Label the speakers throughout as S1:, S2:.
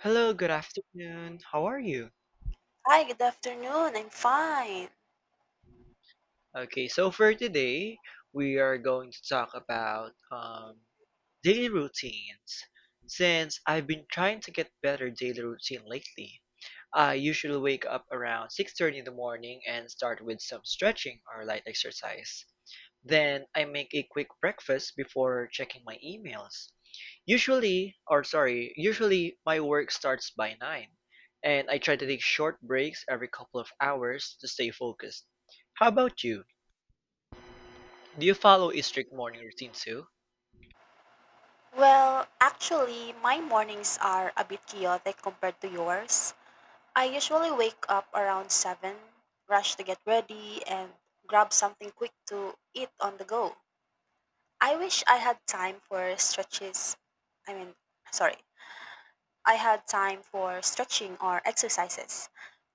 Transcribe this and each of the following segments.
S1: Hello, good afternoon. How are you?
S2: Hi, good afternoon. I'm fine.
S1: Okay, so for today, we are going to talk about daily routines. Since I've been trying to get better daily routine lately, I usually wake up around 6:30 in the morning and start with some stretching or light exercise. Then I make a quick breakfast before checking my emails. Usually my work starts by 9, and I try to take short breaks every couple of hours to stay focused. How about you? Do you follow a strict morning routine too?
S2: Well, actually, my mornings are a bit chaotic compared to yours. I usually wake up around 7, rush to get ready, and grab something quick to eat on the go. I wish I had time for stretches. I mean, sorry. I had time for stretching or exercises,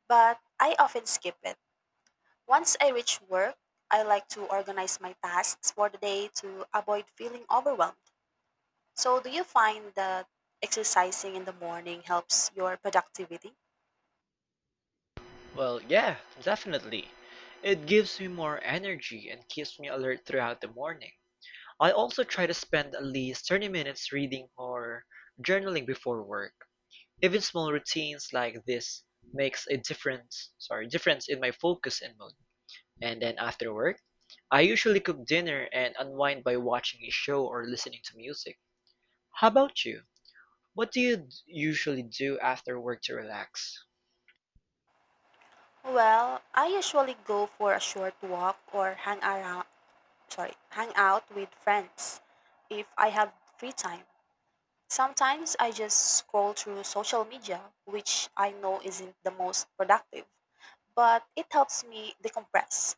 S2: but I often skip it. Once I reach work, I like to organize my tasks for the day to avoid feeling overwhelmed. So, do you find that exercising in the morning helps your productivity?
S1: Well, yeah, definitely. It gives me more energy and keeps me alert throughout the morning. I also try to spend at least 30 minutes reading or journaling before work. Even small routines like this makes a difference in my focus and mood. And then after work, I usually cook dinner and unwind by watching a show or listening to music. How about you? What do usually do after work to relax?
S2: Well, I usually go for a short walk or hang out with friends if I have free time. Sometimes I just scroll through social media, which I know isn't the most productive, but it helps me decompress.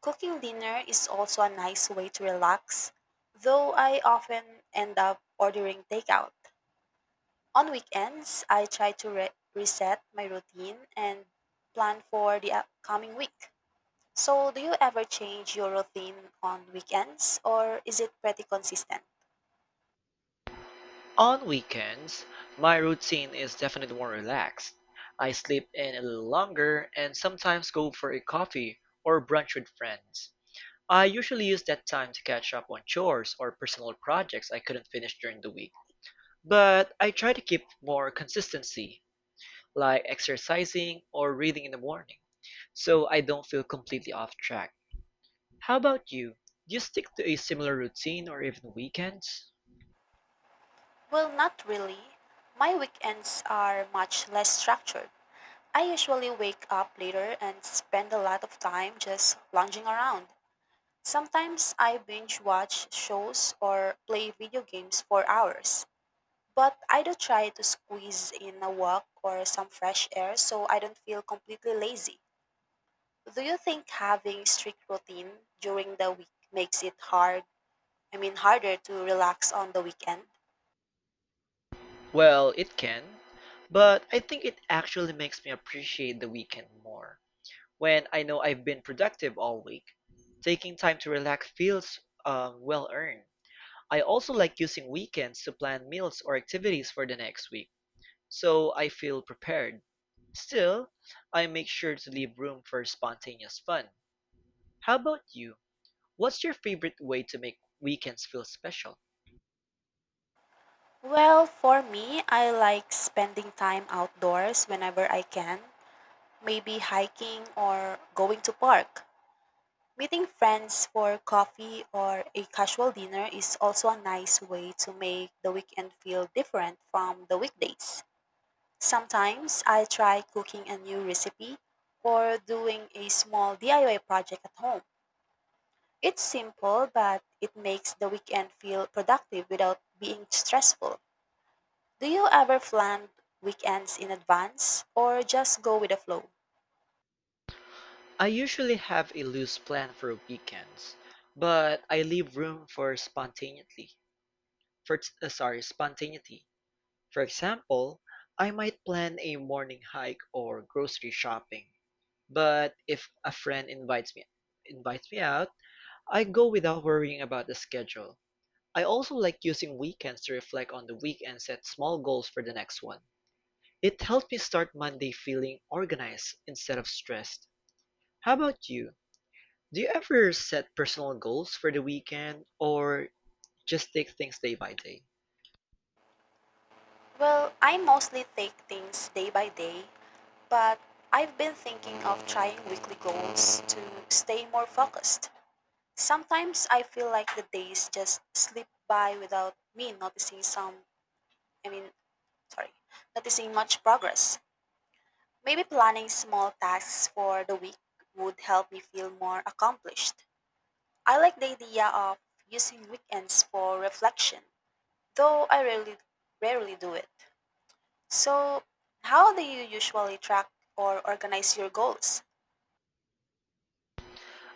S2: Cooking dinner is also a nice way to relax, though I often end up ordering takeout. On weekends, I try to reset my routine and plan for the upcoming week. So, do you ever change your routine on weekends, or is it pretty consistent?
S1: On weekends, my routine is definitely more relaxed. I sleep in a little longer and sometimes go for a coffee or brunch with friends. I usually use that time to catch up on chores or personal projects I couldn't finish during the week. But I try to keep more consistency like exercising or reading in the morning, so I don't feel completely off track. How about you? Do you stick to a similar routine or even weekends?
S2: Well, not really. My weekends are much less structured. I usually wake up later and spend a lot of time just lounging around. Sometimes I binge watch shows or play video games for hours. But I do try to squeeze in a walk or some fresh air so I don't feel completely lazy. Do you think having strict routine during the week makes it hard? I mean, harder to relax on the weekend?
S1: Well, it can, but I think it actually makes me appreciate the weekend more when I know I've been productive all week. Taking time to relax feels well earned. I also like using weekends to plan meals or activities for the next week so I feel prepared. Still, I make sure to leave room for spontaneous fun. How about you? What's your favorite way to make weekends feel special?
S2: Well, for me, I like spending time outdoors whenever I can, maybe hiking or going to park. Meeting friends for coffee or a casual dinner is also a nice way to make the weekend feel different from the weekdays. Sometimes I try cooking a new recipe or doing a small DIY project at home. It's simple, but it makes the weekend feel productive without being stressful. Do you ever plan weekends in advance or just go with the flow?
S1: I usually have a loose plan for weekends, but I leave room for spontaneity. For uh, sorry, spontaneity. For example, I might plan a morning hike or grocery shopping, but if a friend invites me out, I go without worrying about the schedule. I also like using weekends to reflect on the week and set small goals for the next one. It helped me start Monday feeling organized instead of stressed. How about you? Do you ever set personal goals for the weekend or just take things day by day?
S2: Well, I mostly take things day by day, but I've been thinking of trying weekly goals to stay more focused. Sometimes I feel like the days just slip by without me noticing some I mean sorry, noticing much progress. Maybe planning small tasks for the week would help me feel more accomplished. I like the idea of using weekends for reflection, though I rarely do it. So, how do you usually track or organize your goals?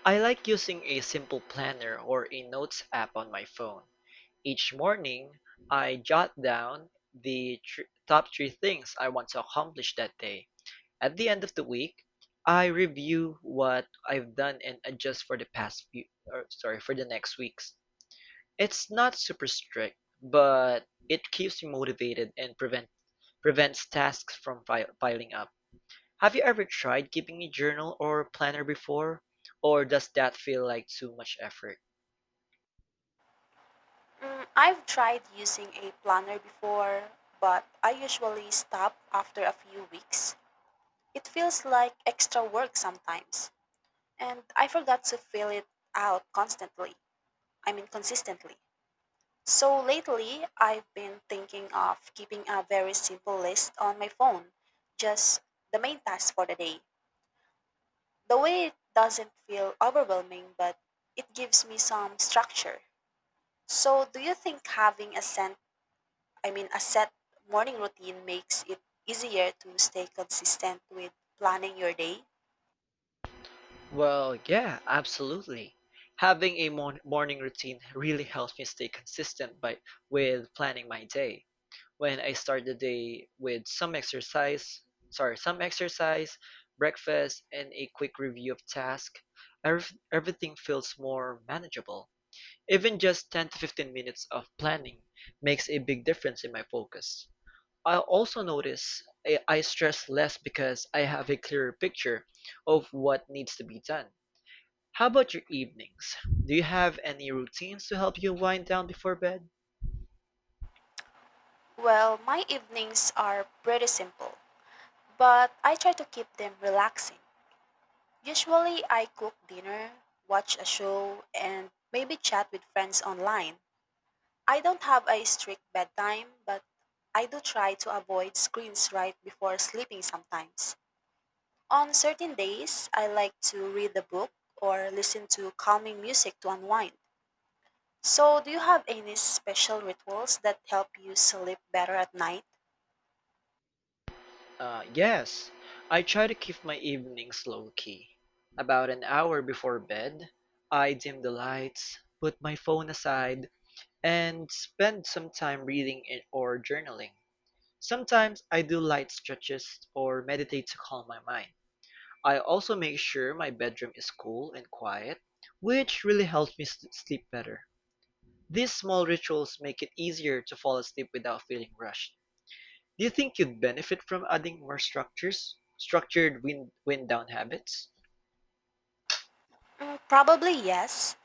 S1: I like using a simple planner or a notes app on my phone. Each morning, I jot down the top three things I want to accomplish that day. At the end of the week, I review what I've done and adjust for the past few, or sorry, for the next weeks. It's not super strict, but it keeps me motivated and prevents tasks from fi piling up. Have you ever tried keeping a journal or planner before? Or does that feel like too much effort?
S2: Mm, I've tried using a planner before, but I usually stop after a few weeks. It feels like extra work sometimes, and I forgot to fill it out constantly. I mean, consistently. So lately, I've been thinking of keeping a very simple list on my phone, just the main tasks for the day. The way it doesn't feel overwhelming, but it gives me some structure. So, do you think having a set, I mean, a set morning routine makes it easier to stay consistent with planning your day?
S1: Well, yeah, absolutely. Having a mon morning routine really helps me stay consistent by with planning my day. When I start the day with some exercise, breakfast, and a quick review of tasks, everything feels more manageable. Even just 10 to 15 minutes of planning makes a big difference in my focus. I also notice I stress less because I have a clearer picture of what needs to be done. How about your evenings? Do you have any routines to help you wind down before bed?
S2: Well, my evenings are pretty simple, but I try to keep them relaxing. Usually, I cook dinner, watch a show, and maybe chat with friends online. I don't have a strict bedtime, but I do try to avoid screens right before sleeping sometimes. On certain days, I like to read a book or listen to calming music to unwind. So, do you have any special rituals that help you sleep better at night?
S1: Yes, I try to keep my evenings low key. About an hour before bed, I dim the lights, put my phone aside, and spend some time reading it or journaling. Sometimes I do light stretches or meditate to calm my mind. I also make sure my bedroom is cool and quiet, which really helps me sleep better. These small rituals make it easier to fall asleep without feeling rushed. Do you think you'd benefit from adding more structures? Structured wind down habits?
S2: Mm, probably yes.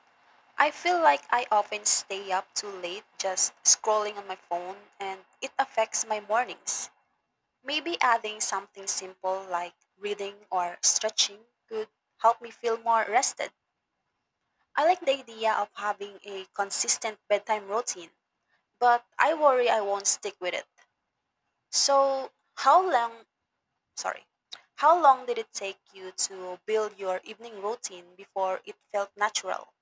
S2: I feel like I often stay up too late just scrolling on my phone, and it affects my mornings. Maybe adding something simple like reading or stretching could help me feel more rested. I like the idea of having a consistent bedtime routine, but I worry I won't stick with it. So, how long, sorry, how long did it take you to build your evening routine before it felt natural?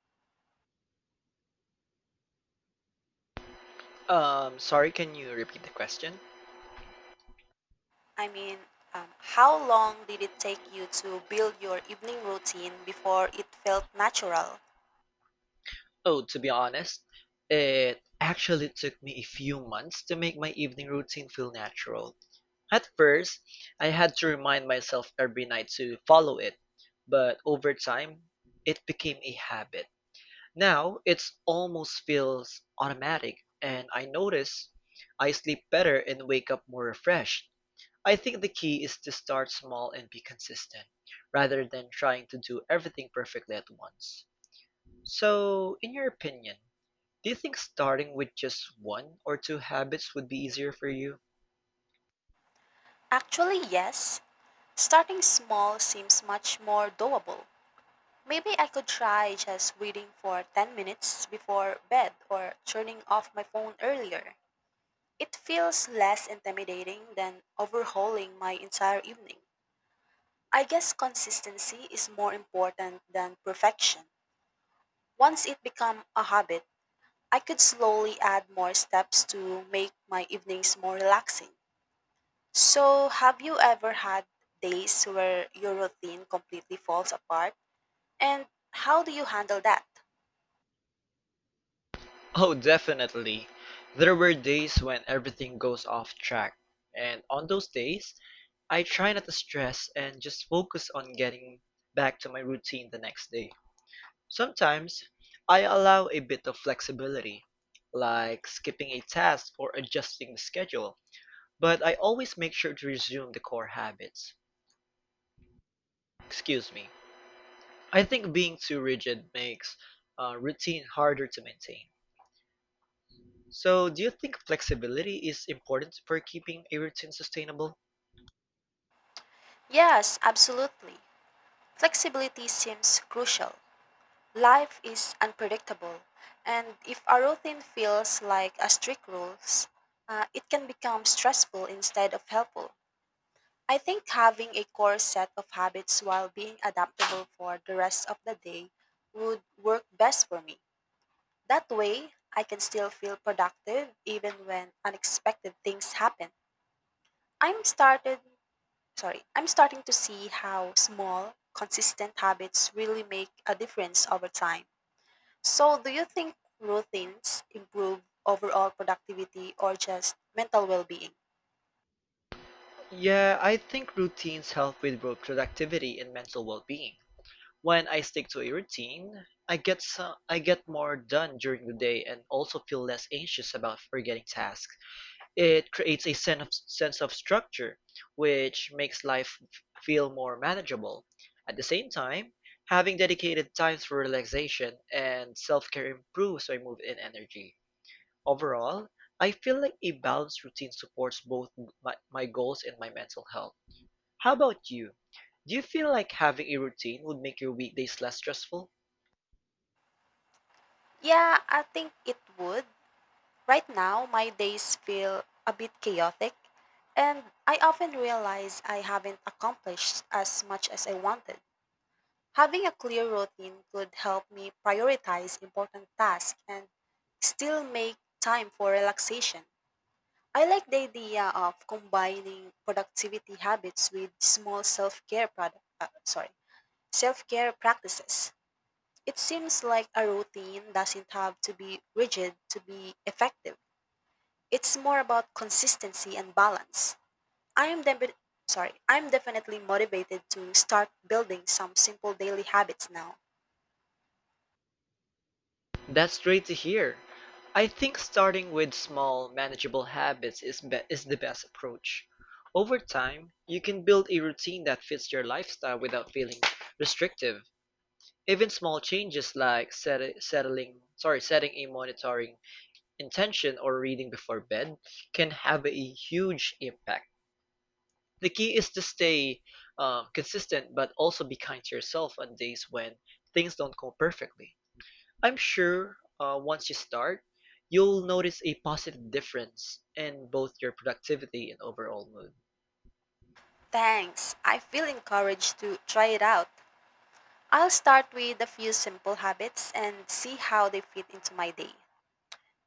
S1: Can you repeat the question?
S2: I mean, how long did it take you to build your evening routine before it felt natural?
S1: Oh, to be honest, it actually took me a few months to make my evening routine feel natural. At first, I had to remind myself every night to follow it, but over time, it became a habit. Now, it's almost feels automatic, and I notice I sleep better and wake up more refreshed. I think the key is to start small and be consistent, rather than trying to do everything perfectly at once. So, in your opinion, do you think starting with just one or two habits would be easier for you?
S2: Actually, yes. Starting small seems much more doable. Maybe I could try just reading for 10 minutes before bed or turning off my phone earlier. It feels less intimidating than overhauling my entire evening. I guess consistency is more important than perfection. Once it becomes a habit, I could slowly add more steps to make my evenings more relaxing. So, have you ever had days where your routine completely falls apart? And how do you handle that?
S1: Oh, definitely. There were days when everything goes off track, and on those days, I try not to stress and just focus on getting back to my routine the next day. Sometimes, I allow a bit of flexibility, like skipping a task or adjusting the schedule, but I always make sure to resume the core habits. Excuse me. I think being too rigid makes routine harder to maintain. So, do you think flexibility is important for keeping a routine sustainable?
S2: Yes, absolutely. Flexibility seems crucial. Life is unpredictable, and if our routine feels like a strict rules, it can become stressful instead of helpful. I think having a core set of habits while being adaptable for the rest of the day would work best for me. That way, I can still feel productive even when unexpected things happen. I'm started I'm starting to see how small, consistent habits really make a difference over time. So, do you think routines improve overall productivity or just mental well-being?
S1: Yeah, I think routines help with both productivity and mental well being. When I stick to a routine, I get more done during the day and also feel less anxious about forgetting tasks. It creates a sense of structure, which makes life feel more manageable. At the same time, having dedicated times for relaxation and self-care improves my mood and energy. Overall, I feel like a balanced routine supports both my goals and my mental health. How about you? Do you feel like having a routine would make your weekdays less stressful?
S2: Yeah, I think it would. Right now, my days feel a bit chaotic, and I often realize I haven't accomplished as much as I wanted. Having a clear routine could help me prioritize important tasks and still make time for relaxation. I like the idea of combining productivity habits with small self-care practices. It seems like a routine doesn't have to be rigid to be effective. It's more about consistency and balance. I am defi- I'm definitely motivated to start building some simple daily habits now.
S1: That's great to hear. I think starting with small, manageable habits is the best approach. Over time, you can build a routine that fits your lifestyle without feeling restrictive. Even small changes like setting a monitoring intention or reading before bed can have a huge impact. The key is to stay consistent, but also be kind to yourself on days when things don't go perfectly. I'm sure once you start, you'll notice a positive difference in both your productivity and overall mood.
S2: Thanks. I feel encouraged to try it out. I'll start with a few simple habits and see how they fit into my day.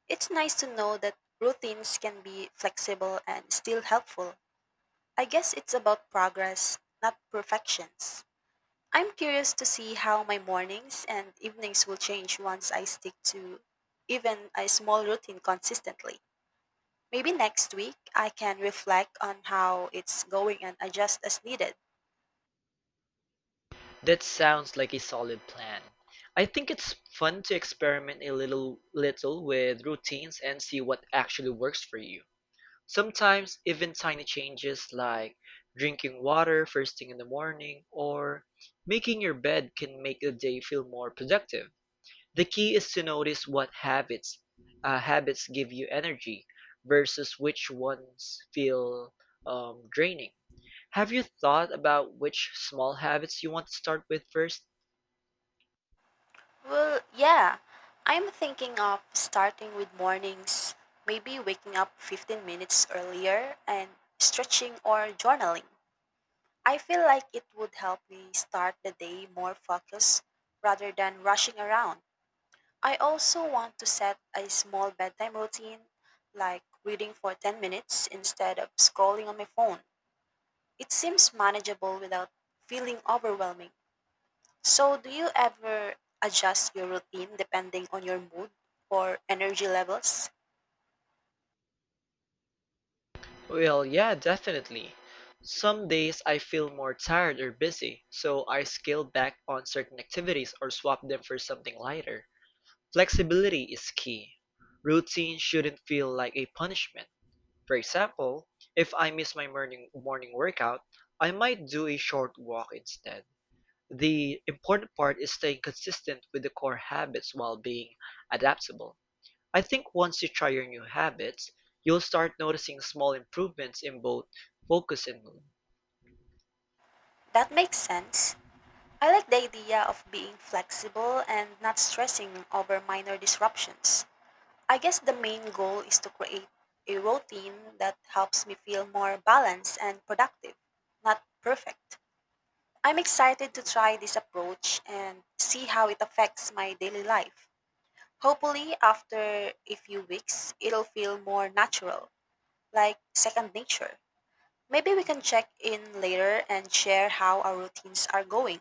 S2: It's nice to know that routines can be flexible and still helpful. I guess it's about progress, not perfections. I'm curious to see how my mornings and evenings will change once I stick to even a small routine consistently. Maybe next week I can reflect on how it's going and adjust as needed.
S1: That sounds like a solid plan. I think it's fun to experiment a little with routines and see what actually works for you. Sometimes even tiny changes like drinking water first thing in the morning or making your bed can make the day feel more productive. The key is to notice what habits give you energy versus which ones feel draining. Have you thought about which small habits you want to start with first?
S2: Well, yeah, I'm thinking of starting with mornings, maybe waking up 15 minutes earlier and stretching or journaling. I feel like it would help me start the day more focused rather than rushing around. I also want to set a small bedtime routine, like reading for 10 minutes instead of scrolling on my phone. It seems manageable without feeling overwhelming. So, do you ever adjust your routine depending on your mood or energy levels?
S1: Well, yeah, definitely. Some days I feel more tired or busy, so I scale back on certain activities or swap them for something lighter. Flexibility is key. Routine shouldn't feel like a punishment. For example, if I miss my morning workout, I might do a short walk instead. The important part is staying consistent with the core habits while being adaptable. I think once you try your new habits, you'll start noticing small improvements in both focus and mood.
S2: That makes sense. I like the idea of being flexible and not stressing over minor disruptions. I guess the main goal is to create a routine that helps me feel more balanced and productive, not perfect. I'm excited to try this approach and see how it affects my daily life. Hopefully, after a few weeks, it'll feel more natural, like second nature. Maybe we can check in later and share how our routines are going,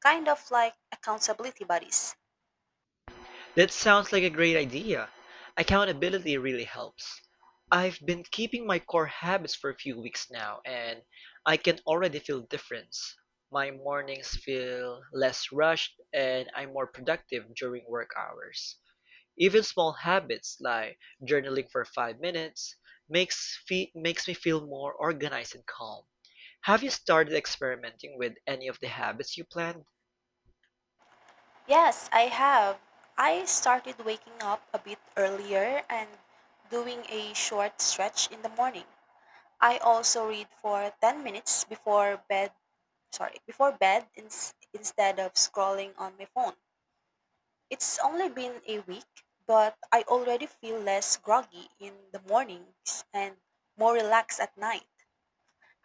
S2: kind of like accountability buddies.
S1: That sounds like a great idea. Accountability really helps. I've been keeping my core habits for a few weeks now, and I can already feel difference. My mornings feel less rushed, and I'm more productive during work hours. Even small habits like journaling for 5 minutes makes me feel more organized and calm. Have you started experimenting with any of the habits you planned?
S2: Yes, I have. I started waking up a bit earlier and doing a short stretch in the morning. I also read for 10 minutes before bed instead of scrolling on my phone. It's only been a week, but I already feel less groggy in the mornings and more relaxed at night.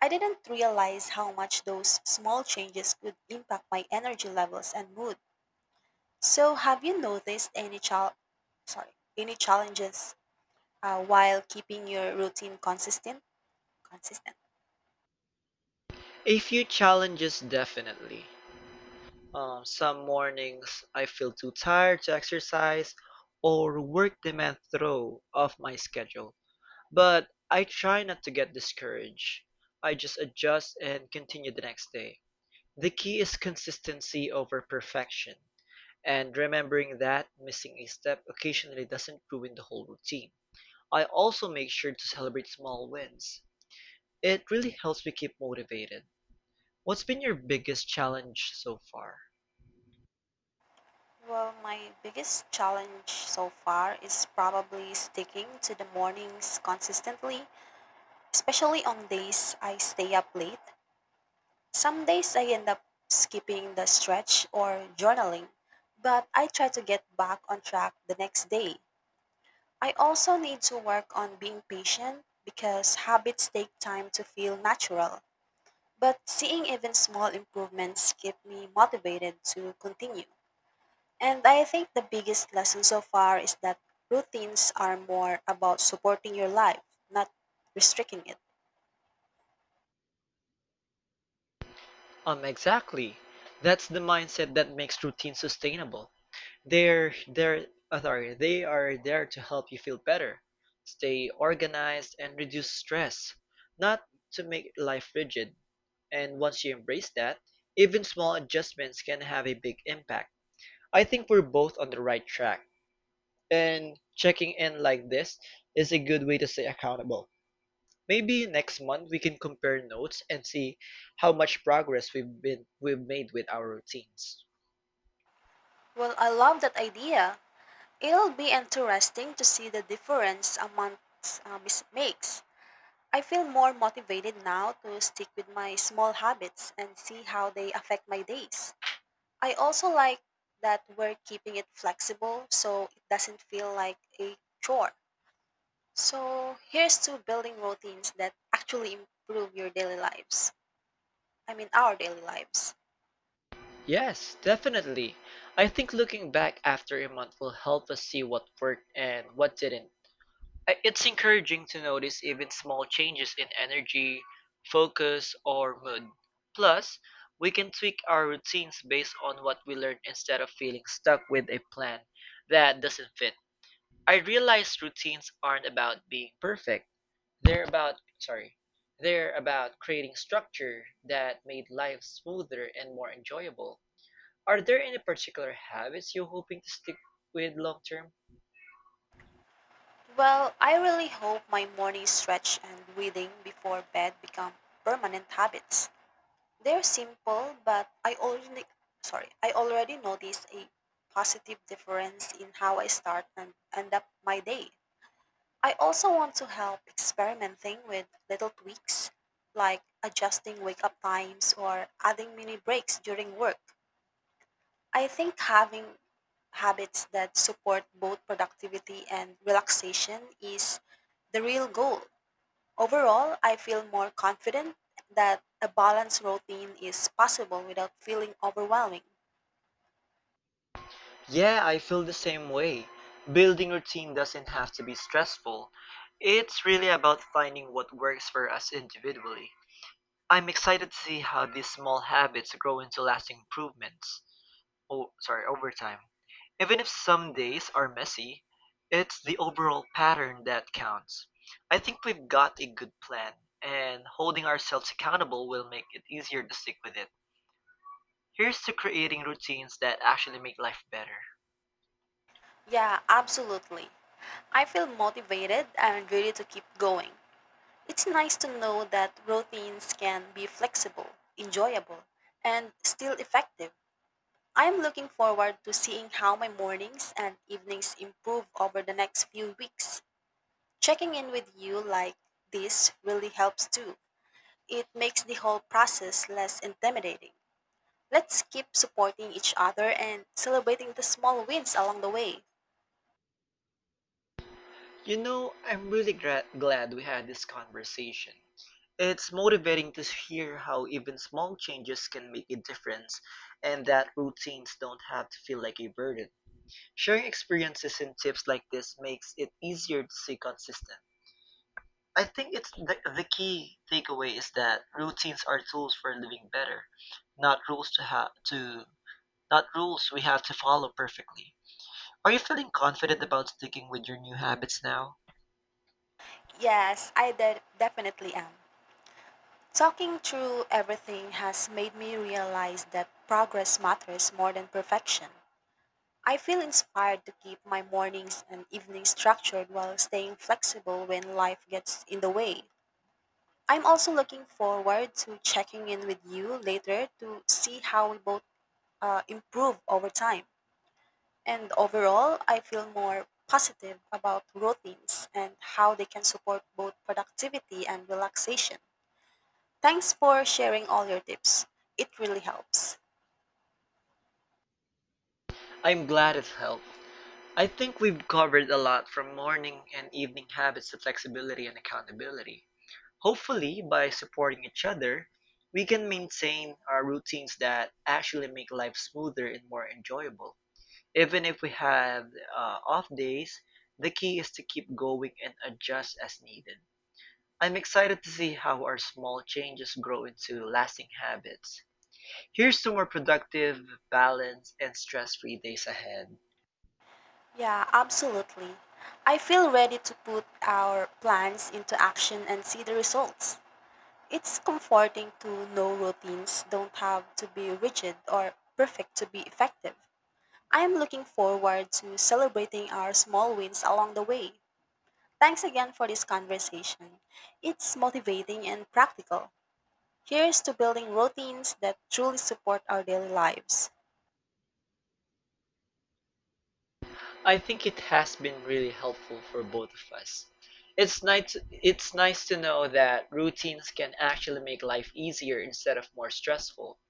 S2: I didn't realize how much those small changes could impact my energy levels and mood. So, have you noticed sorry, any challenges while keeping your routine consistent?
S1: A few challenges definitely. Some mornings I feel too tired to exercise or work demands throw off my schedule. But I try not to get discouraged. I just adjust and continue the next day. The key is consistency over perfection and remembering that missing a step occasionally doesn't ruin the whole routine. I also make sure to celebrate small wins. It really helps me keep motivated. What's been your biggest challenge so far?
S2: Well, my biggest challenge so far is probably sticking to the mornings consistently, especially on days I stay up late. Some days I end up skipping the stretch or journaling, but I try to get back on track the next day. I also need to work on being patient because habits take time to feel natural. But seeing even small improvements keep me motivated to continue. And I think the biggest lesson so far is that routines are more about supporting your life, not restricting it.
S1: Exactly. That's the mindset that makes routine sustainable. They're they're they are there to help you feel better, stay organized, and reduce stress, not to make life rigid. And once you embrace that, even small adjustments can have a big impact. I think we're both on the right track, and checking in like this is a good way to stay accountable. Maybe next month we can compare notes and see how much progress we've made with our routines.
S2: Well, I love that idea. It'll be interesting to see the difference a month makes. I feel more motivated now to stick with my small habits and see how they affect my days. I also like that we're keeping it flexible so it doesn't feel like a chore. So here's to building routines that actually improve your daily lives. I mean, our daily lives.
S1: Yes, definitely. I think looking back after a month will help us see what worked and what didn't. It's encouraging to notice even small changes in energy, focus, or mood. Plus, we can tweak our routines based on what we learn instead of feeling stuck with a plan that doesn't fit. I realize routines aren't about being perfect. They're about, sorry, they're about creating structure that made life smoother and more enjoyable. Are there any particular habits you're hoping to stick with long term?
S2: Well, I really hope my morning stretch and breathing before bed become permanent habits. They're simple, but I already noticed a positive difference in how I start and end up my day. I also want to help experimenting with little tweaks, like adjusting wake up times or adding mini breaks during work. I think having habits that support both productivity and relaxation is the real goal. Overall, I feel more confident that a balanced routine is possible without feeling overwhelming.
S1: Yeah, I feel the same way. Building routine doesn't have to be stressful. It's really about finding what works for us individually. I'm excited to see how these small habits grow into lasting improvements. Oh, sorry, overtime. Even if some days are messy, it's the overall pattern that counts. I think we've got a good plan, and holding ourselves accountable will make it easier to stick with it. Here's to creating routines that actually make life better.
S2: Yeah, absolutely. I feel motivated and ready to keep going. It's nice to know that routines can be flexible, enjoyable, and still effective. I'm looking forward to seeing how my mornings and evenings improve over the next few weeks. Checking in with you like this really helps too. It makes the whole process less intimidating. Let's keep supporting each other and celebrating the small wins along the way.
S1: You know, I'm really glad we had this conversation. It's motivating to hear how even small changes can make a difference and that routines don't have to feel like a burden. Sharing experiences and tips like this makes it easier to stay consistent. I think the key takeaway is that routines are tools for living better, not rules to have to not rules we have to follow perfectly. Are you feeling confident about sticking with your new habits now?
S2: Yes, definitely am. Talking through everything has made me realize that progress matters more than perfection. I feel inspired to keep my mornings and evenings structured while staying flexible when life gets in the way. I'm also looking forward to checking in with you later to see how we both improve over time. And overall, I feel more positive about routines and how they can support both productivity and relaxation. Thanks for sharing all your tips. It really helps.
S1: I'm glad it helped. I think we've covered a lot from morning and evening habits to flexibility and accountability. Hopefully by supporting each other, we can maintain our routines that actually make life smoother and more enjoyable. Even if we have off days, the key is to keep going and adjust as needed. I'm excited to see how our small changes grow into lasting habits. Here's to more productive, balanced, and stress free days ahead.
S2: Yeah, absolutely. I feel ready to put our plans into action and see the results. It's comforting to know routines don't have to be rigid or perfect to be effective. I am looking forward to celebrating our small wins along the way. Thanks again for this conversation. It's motivating and practical. Here's to building routines that truly support our daily lives.
S1: I think it has been really helpful for both of us. It's nice to know that routines can actually make life easier instead of more stressful.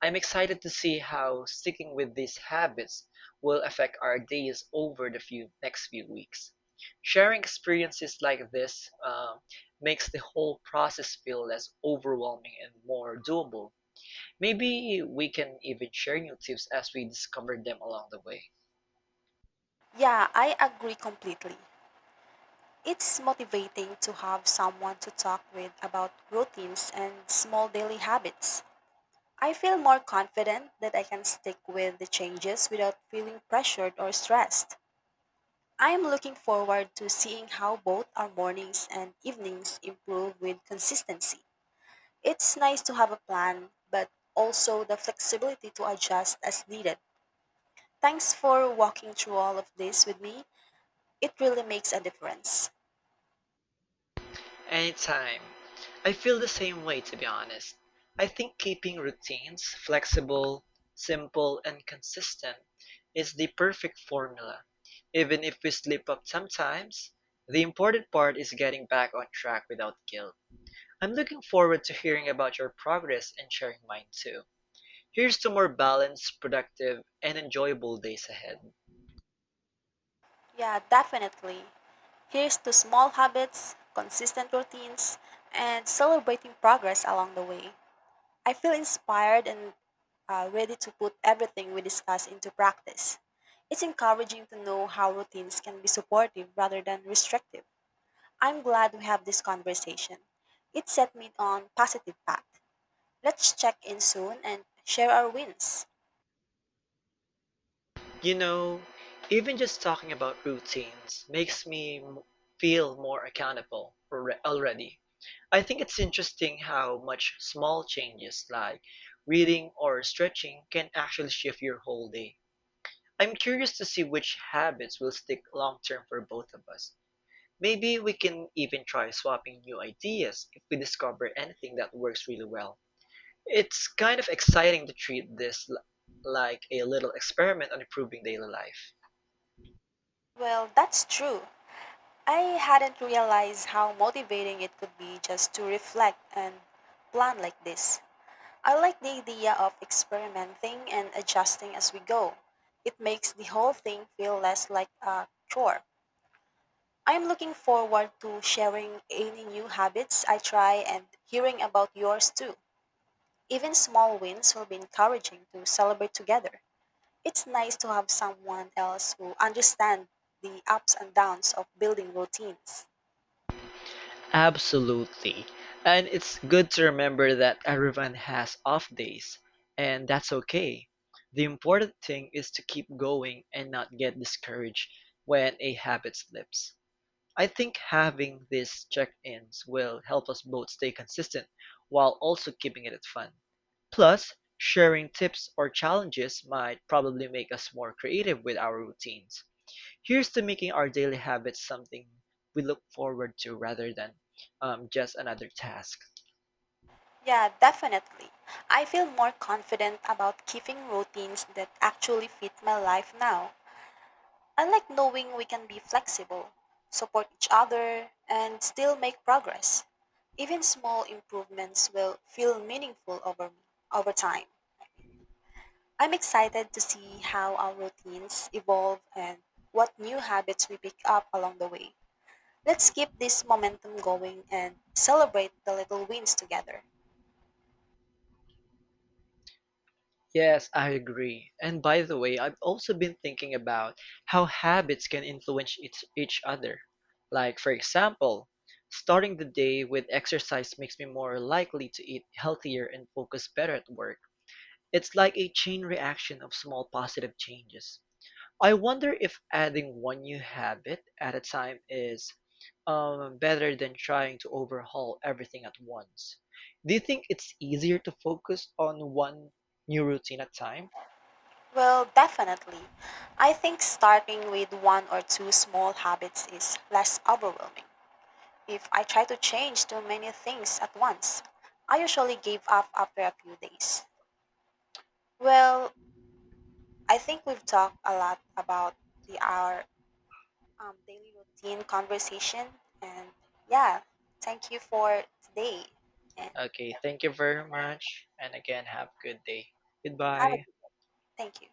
S1: I'm excited to see how sticking with these habits will affect our days over the few weeks. Sharing experiences like this makes the whole process feel less overwhelming and more doable. Maybe we can even share new tips as we discover them along the way.
S2: Yeah, I agree completely. It's motivating to have someone to talk with about routines and small daily habits. I feel more confident that I can stick with the changes without feeling pressured or stressed. I am looking forward to seeing how both our mornings and evenings improve with consistency. It's nice to have a plan, but also the flexibility to adjust as needed. Thanks for walking through all of this with me. It really makes a difference.
S1: Anytime. I feel the same way, to be honest. I think keeping routines flexible, simple, and consistent is the perfect formula. Even if we slip up sometimes, the important part is getting back on track without guilt. I'm looking forward to hearing about your progress and sharing mine too. Here's to more balanced, productive, and enjoyable days ahead.
S2: Yeah, definitely. Here's to small habits, consistent routines, and celebrating progress along the way. I feel inspired and ready to put everything we discuss into practice. It's encouraging to know how routines can be supportive rather than restrictive. I'm glad we have this conversation. It set me on positive path. Let's check in soon and share our wins.
S1: You know, even just talking about routines makes feel more accountable already. I think it's interesting how much small changes like reading or stretching can actually shift your whole day. I'm curious to see which habits will stick long term for both of us. Maybe we can even try swapping new ideas if we discover anything that works really well. It's kind of exciting to treat like a little experiment on improving daily life.
S2: Well, that's true. I hadn't realized how motivating it could be just to reflect and plan like this. I like the idea of experimenting and adjusting as we go. It makes the whole thing feel less like a chore. I'm looking forward to sharing any new habits I try and hearing about yours too. Even small wins will be encouraging to celebrate together. It's nice to have someone else who understands the ups and downs of building routines.
S1: Absolutely. And it's good to remember that everyone has off days, and that's okay. The important thing is to keep going and not get discouraged when a habit slips. I think having these check ins will help us both stay consistent while also keeping it fun. Plus, sharing tips or challenges might probably make us more creative with our routines. Here's to making our daily habits something we look forward to rather than just another task.
S2: Yeah, definitely. I feel more confident about keeping routines that actually fit my life now. I like knowing we can be flexible, support each other, and still make progress. Even small improvements will feel meaningful over time. I'm excited to see how our routines evolve and what new habits we pick up along the way. Let's keep this momentum going and celebrate the little wins together.
S1: Yes, I agree. And by the way, I've also been thinking about how habits can influence each other. Like, for example, starting the day with exercise makes me more likely to eat healthier and focus better at work. It's like a chain reaction of small positive changes. I wonder if adding one new habit at a time is better than trying to overhaul everything at once. Do you think it's easier to focus on one new routine at a time?
S2: Well, definitely. I think starting with one or two small habits is less overwhelming. If I try to change too many things at once, I usually give up after a few days. Well, I think we've talked a lot about the our daily routine conversation, and yeah, thank you for today, and
S1: Okay, thank you very much. And again, have a good day.
S2: have a
S1: Goodbye.
S2: good, thank you.